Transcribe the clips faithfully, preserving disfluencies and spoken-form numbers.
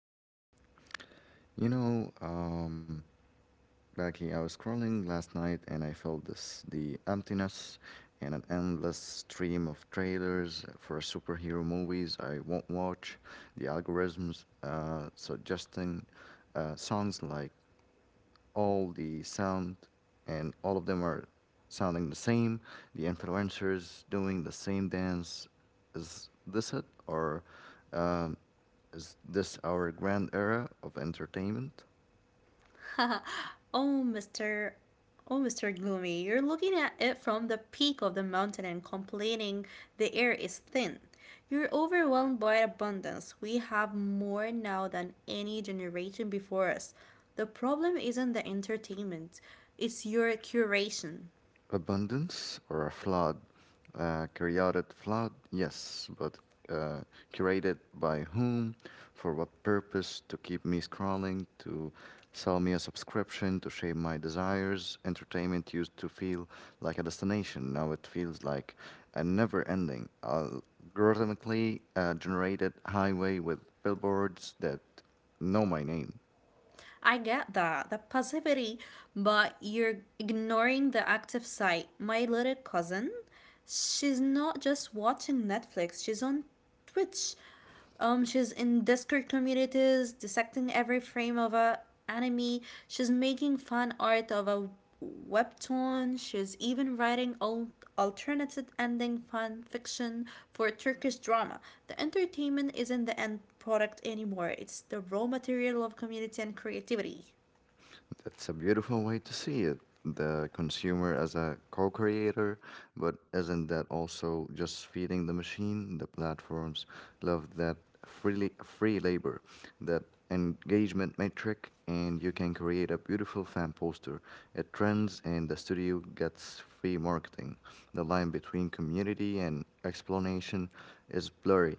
Mm-hmm. You know, um, Becky, I was scrolling last night and I felt this the emptiness and an endless stream of trailers for superhero movies I won't watch, the algorithms uh, suggesting uh, songs like all the sound and all of them are sounding the same, the influencers doing the same dance. Is this it? Or um, is this our grand era of entertainment? Oh, Mister Oh, Mister Gloomy, you're looking at it from the peak of the mountain and complaining the air is thin. You're overwhelmed by abundance. We have more now than any generation before us. The problem isn't the entertainment, it's your curation. Abundance or a flood, a chaotic flood, yes, but uh, curated by whom, for what purpose, to keep me scrolling, to sell me a subscription, to shape my desires. Entertainment used to feel like a destination, now it feels like a never ending, algorithmically uh, generated highway with billboards that know my name. I get that, the passivity, but you're ignoring the active side. My little cousin, she's not just watching Netflix, she's on Twitch. Um, she's in Discord communities, dissecting every frame of a anime. She's making fan art of a webtoon. She's even writing al- alternative ending fan fiction for a Turkish drama. The entertainment isn't the end product anymore. It's the raw material of community and creativity. That's a beautiful way to see it. The consumer as a co creator, but isn't that also just feeding the machine? The platforms love that freely, free labor, that engagement metric, and you can create a beautiful fan poster. It trends, and the studio gets free marketing. The line between community and explanation is blurry.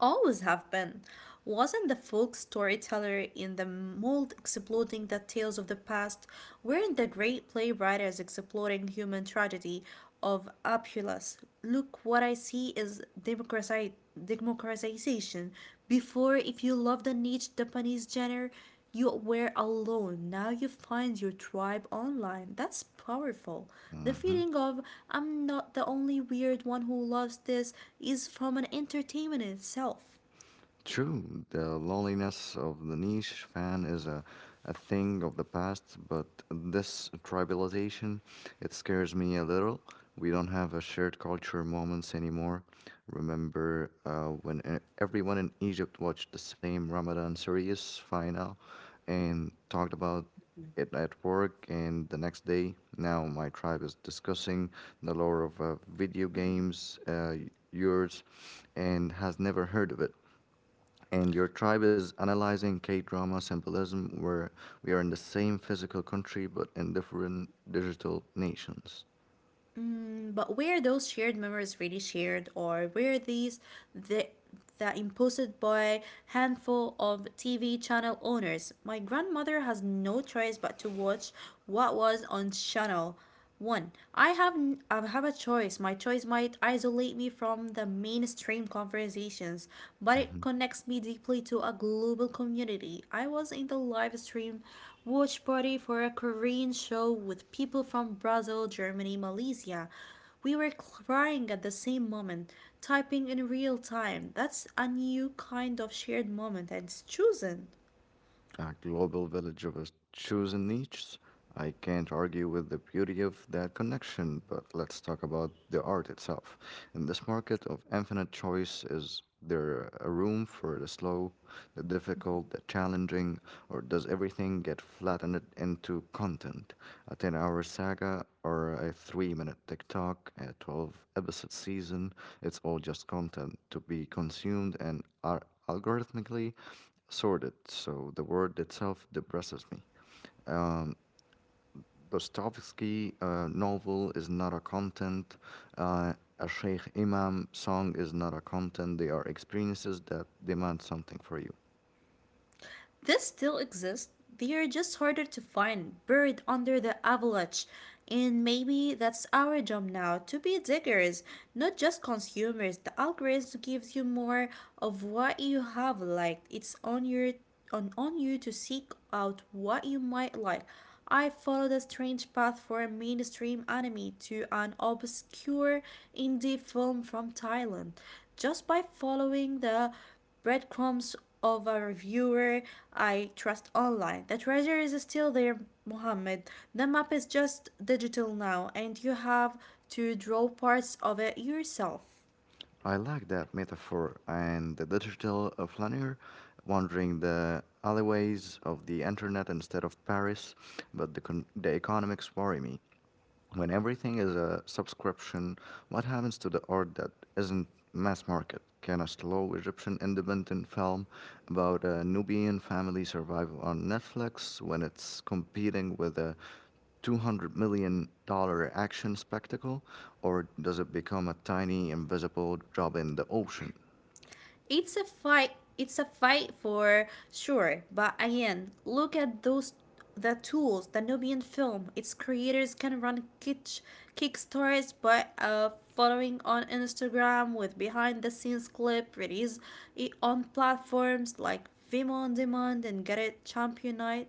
Always have been. Wasn't the folk storyteller in the mold exploiting the tales of the past? Weren't the great playwriters exploiting human tragedy of Apulus? Look, what I see is democrati- democratization. Before, if you loved a niche Japanese genre, you were alone. Now you find your tribe online. That's powerful. The Mm-hmm. feeling of I'm not the only weird one who loves this is from an entertainment in itself. True, the loneliness of the niche fan is a, a thing of the past, but this tribalization, it scares me a little. We don't have a shared culture moments anymore. Remember uh, when e- everyone in Egypt watched the same Ramadan series final and talked about it at work and the next day now my tribe is discussing the lore of uh, video games uh, yours and has never heard of it and your tribe is analyzing K drama symbolism, where we are in the same physical country but in different digital nations. Mm, but where those shared memories really shared, or where these the that imposed by handful of T V channel owners, my grandmother has no choice but to watch what was on channel one. I have I have a choice. My choice might isolate me from the mainstream conversations, but it connects me deeply to a global community. I was in the live stream watch party for a Korean show with people from Brazil, Germany, Malaysia. We were crying at the same moment, typing in real time. That's a new kind of shared moment and it's chosen. A global village of a chosen niches. I can't argue with the beauty of that connection, but let's talk about the art itself. In this market of infinite choice, is there a room for the slow, the difficult, the challenging, or does everything get flattened into content? A ten hour saga or a three minute TikTok, a twelve episode season? It's all just content to be consumed and are algorithmically sordid, so the word itself depresses me. Um, Dostoevsky uh, novel is not a content. Uh, a Sheikh Imam song is not a content. They are experiences that demand something for you. This still exists. They are just harder to find, buried under the avalanche. And maybe that's our job now to be diggers, not just consumers. The algorithm gives you more of what you have liked. It's on your on, on you to seek out what you might like. I followed a strange path from mainstream anime to an obscure indie film from Thailand just by following the breadcrumbs of a reviewer I trust online. The treasure is still there, Mohammed. The map is just digital now, and you have to draw parts of it yourself. I like that metaphor and the digital uh, flaneur wandering the alleyways of the internet instead of Paris, but the, con- the economics worry me. When everything is a subscription, what happens to the art that isn't mass market? Can a slow Egyptian independent film about a Nubian family survive on Netflix when it's competing with a two hundred million dollars dollar action spectacle? Or does it become a tiny, invisible drop in the ocean? It's a fight. It's a fight for sure. But again, look at those the tools the Nubian film. Its creators can run kitsch kickstarts by uh, following on Instagram with behind the scenes clip release it on platforms like Vimeo on Demand and Get It Championite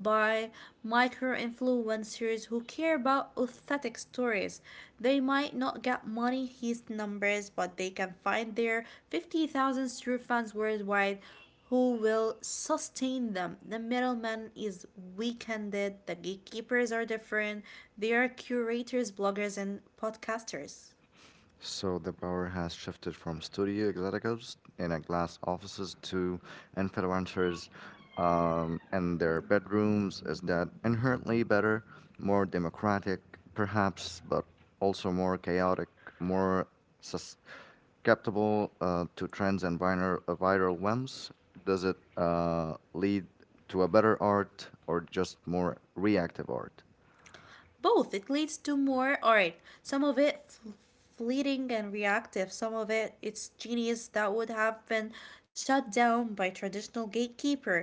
by micro influencers who care about authentic stories. They might not get money his numbers, but they can find their fifty thousand true fans worldwide who will sustain them. The middleman is weakened, the gatekeepers are different. They are curators, bloggers, and podcasters. So the power has shifted from studio executives in a glass offices to influencers um, in their bedrooms. Is that inherently better, more democratic, perhaps, but also more chaotic, more susceptible uh, to trends and viral, uh, viral whims? Does it uh, lead to a better art or just more reactive art? Both. It leads to more art. Some of it f- fleeting and reactive. Some of it it's genius that would have been shut down by traditional gatekeeper.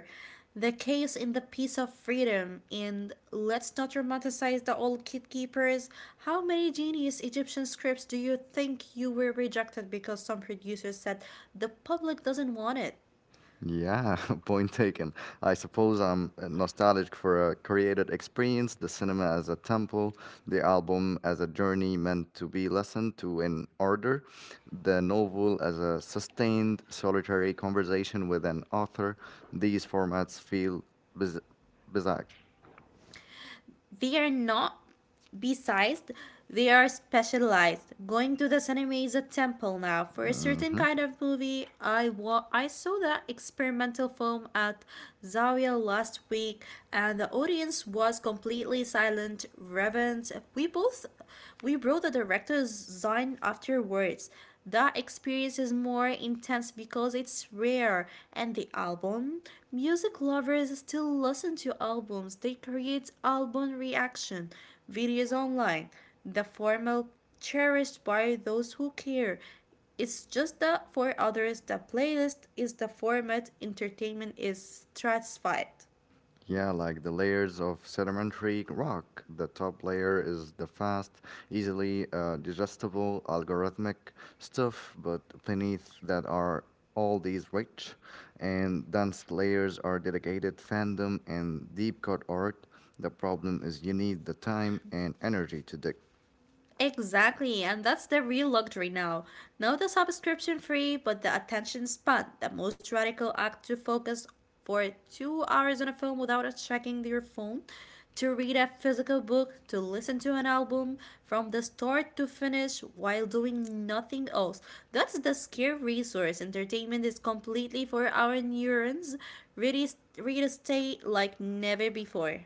The case in the piece of freedom and let's not romanticize the old gatekeepers. How many genius Egyptian scripts do you think you were rejected because some producers said the public doesn't want it? Yeah, point taken. I suppose I'm uh, nostalgic for a created experience, the cinema as a temple, the album as a journey meant to be listened to in order, the novel as a sustained, solitary conversation with an author. These formats feel biz- bizarre. They are not besized, they are specialized. Going to the cinema is a temple now. For a certain Mm-hmm. kind of movie, I wa- I saw that experimental film at Zawiya last week, and the audience was completely silent, reverent. We both we wrote the director's sign afterwards. The experience is more intense because it's rare, and the album music lovers still listen to albums. They create album reaction videos online. The formal cherished by those who care. It's just that for others, the playlist is the format entertainment is stratified. Yeah, like the layers of sedimentary rock. The top layer is the fast, easily uh, digestible algorithmic stuff, but beneath that are all these rich and dense layers are dedicated fandom and deep cut art. The problem is you need the time and energy to dig. Exactly, and that's the real luxury now. Not the subscription free, but the attention span. The most radical act to focus for two hours on a film without checking your phone, to read a physical book, to listen to an album from the start to finish while doing nothing else. That's the scare resource. Entertainment is completely for our neurons, ready, ready to stay like never before.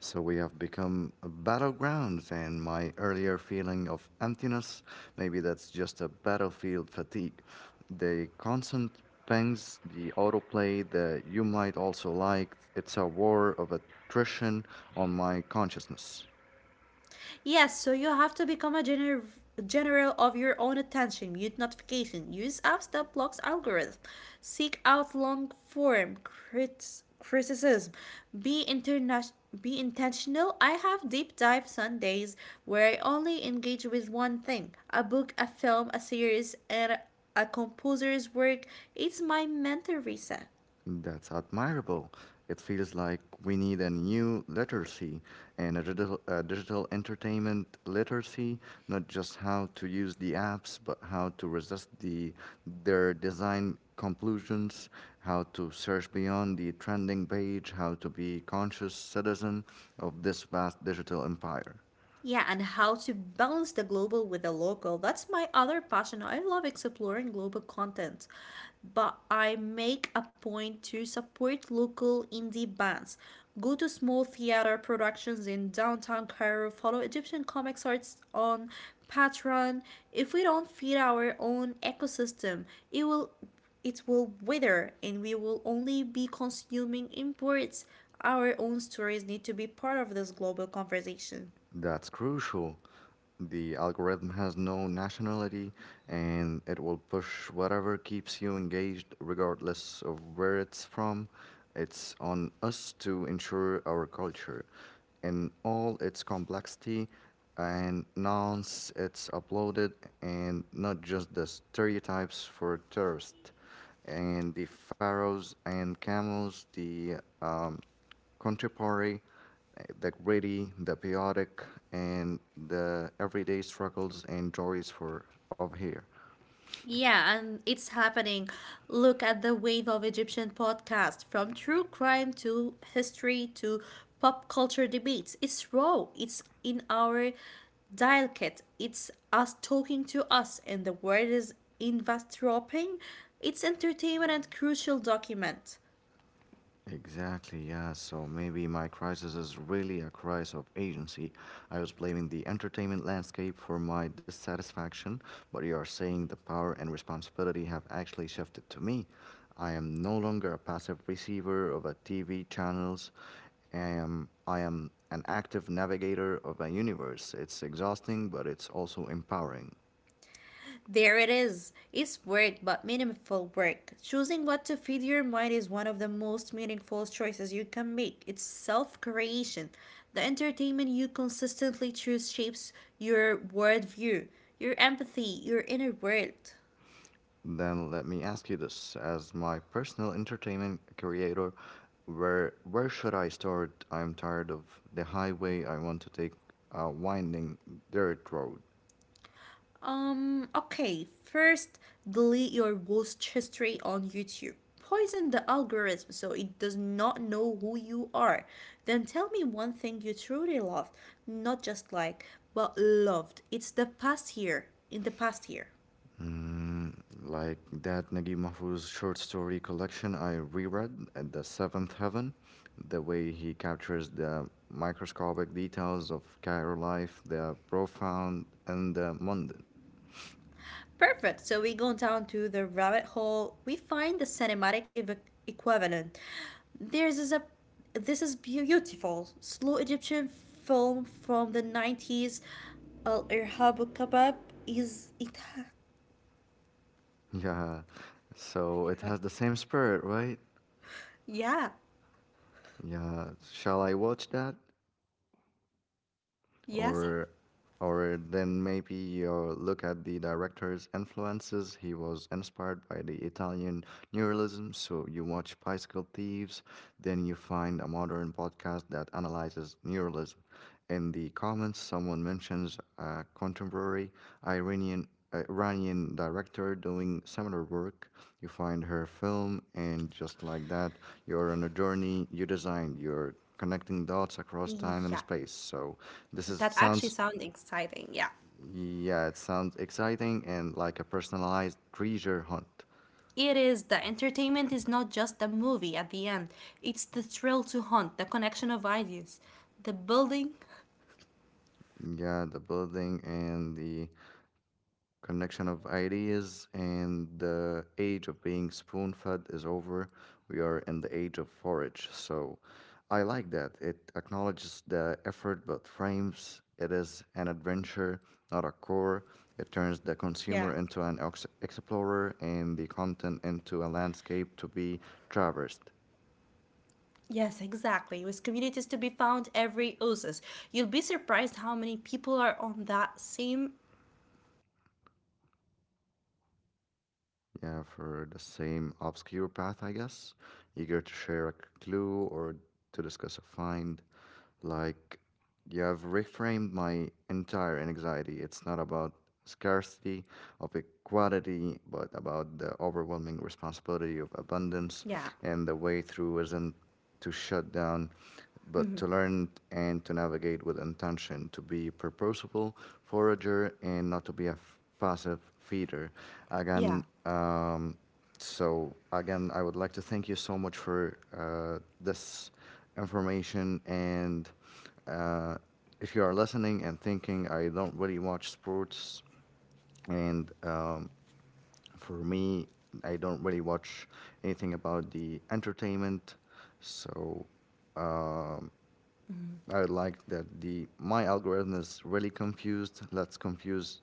So we have become battlegrounds, and my earlier feeling of emptiness, maybe that's just a battlefield fatigue. The constant pings, the autoplay that you might also like, it's a war of attrition on my consciousness. Yes, so you have to become a gener- general of your own attention. Mute notification. Use apps that blocks algorithm. Seek out long form crits- criticism. Be international. Be intentional. I have deep dive Sundays where I only engage with one thing a book, a film, a series, and a composer's work. It's my mental reset. That's admirable. It feels like we need a new literacy and a digital, a digital entertainment literacy, not just how to use the apps, but how to resist the their design conclusions, how to search beyond the trending page, how to be conscious citizen of this vast digital empire. Yeah, and how to balance the global with the local. That's my other passion. I love exploring global content, but I make a point to support local indie bands. Go to small theater productions in downtown Cairo, follow Egyptian comics artists on Patreon. If we don't feed our own ecosystem, it will it will wither and we will only be consuming imports. Our own stories need to be part of this global conversation. That's crucial. The algorithm has no nationality and it will push whatever keeps you engaged, regardless of where it's from. It's on us to ensure our culture in all its complexity and nonce it's uploaded and not just the stereotypes for tourists and the pharaohs and camels, the um, contemporary the gritty, the chaotic, and the everyday struggles and joys for of here. Yeah, and it's happening. Look at the wave of Egyptian podcasts from true crime to history to pop culture debates. It's raw, it's in our dialect, it's us talking to us, and the word is eavesdropping. It's entertainment and crucial document. Exactly, yeah. So maybe my crisis is really a crisis of agency. I was blaming the entertainment landscape for my dissatisfaction, but you are saying the power and responsibility have actually shifted to me. I am no longer a passive receiver of a T V channels. I am I am an active navigator of a universe. It's exhausting, but it's also empowering. There it is. It's work, but meaningful work. Choosing what to feed your mind is one of the most meaningful choices you can make. It's self creation. The entertainment you consistently choose shapes your worldview, your empathy, your inner world. Then let me ask you this: as my personal entertainment creator, where where should I start? I'm tired of the highway. I want to take a winding dirt road. Um, okay, first delete your ghost history on YouTube. Poison the algorithm so it does not know who you are. Then tell me one thing you truly loved, not just like, but loved. It's the past year, In the past year. Mm, like that Naguib Mahfouz short story collection I reread at the Seventh Heaven, the way he captures the microscopic details of Cairo life, the profound and the mundane. Perfect. So we go down to the rabbit hole. We find the cinematic ev- equivalent. There's is a This is beautiful slow Egyptian film from the nineties. Al Irhab Al Kebab is it. Yeah, so it has the same spirit, right? Yeah. Yeah. Shall I watch that? Yes. or or then maybe you look at the director's influences. He was inspired by the Italian neorealism, so you watch Bicycle Thieves, then you find a modern podcast that analyzes neorealism. In the comments, someone mentions a contemporary Iranian Iranian director doing similar work. You find her film, and just like that, you're on a journey. You designed. You're connecting dots across time and Yeah. space. So this is That actually sounds sounds exciting. Yeah. yeah, it sounds exciting and like a personalized treasure hunt. It is. The entertainment is not just the movie at the end, it's the thrill to hunt, the connection of ideas, the building. Yeah, the building and the connection of ideas and the age of being spoon fed is over. We are in the age of forage. So I like that. It acknowledges the effort but frames it as an adventure, not a chore. It turns the Yeah. consumer into an ex- explorer and the content into a landscape to be traversed. Yes, exactly. With communities to be found every oasis. You'll be surprised how many people are on that same. Yeah, for the same obscure path, I guess, eager to share a clue or to discuss a find. Like, you have reframed my entire anxiety. It's not about scarcity of equality, but about the overwhelming responsibility of abundance. Yeah, And the way through isn't to shut down, but to learn and to navigate with intention, to be purposeful forager and not to be a f- passive feeder. yeah. Again, um, so again, I would like to thank you so much for uh, this information. And uh, if you are listening and thinking, I don't really watch sports, and um, for me, I don't really watch anything about the entertainment. So um, Mhm. I like that the my algorithm is really confused. Let's confuse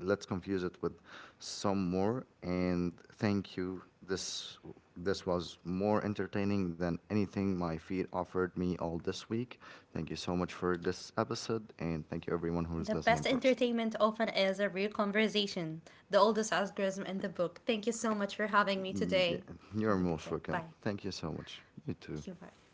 let's confuse it with some more and thank you. This this was more entertaining than anything my feed offered me all this week. Thank you so much for this episode and thank you everyone who's The listening best first. entertainment often is a real conversation. The oldest algorithm in the book. Thank you so much for having me Mm, today. yeah, you're Have a good most day. welcome. Bye. Thank you so much. You too. Thank you. Bye.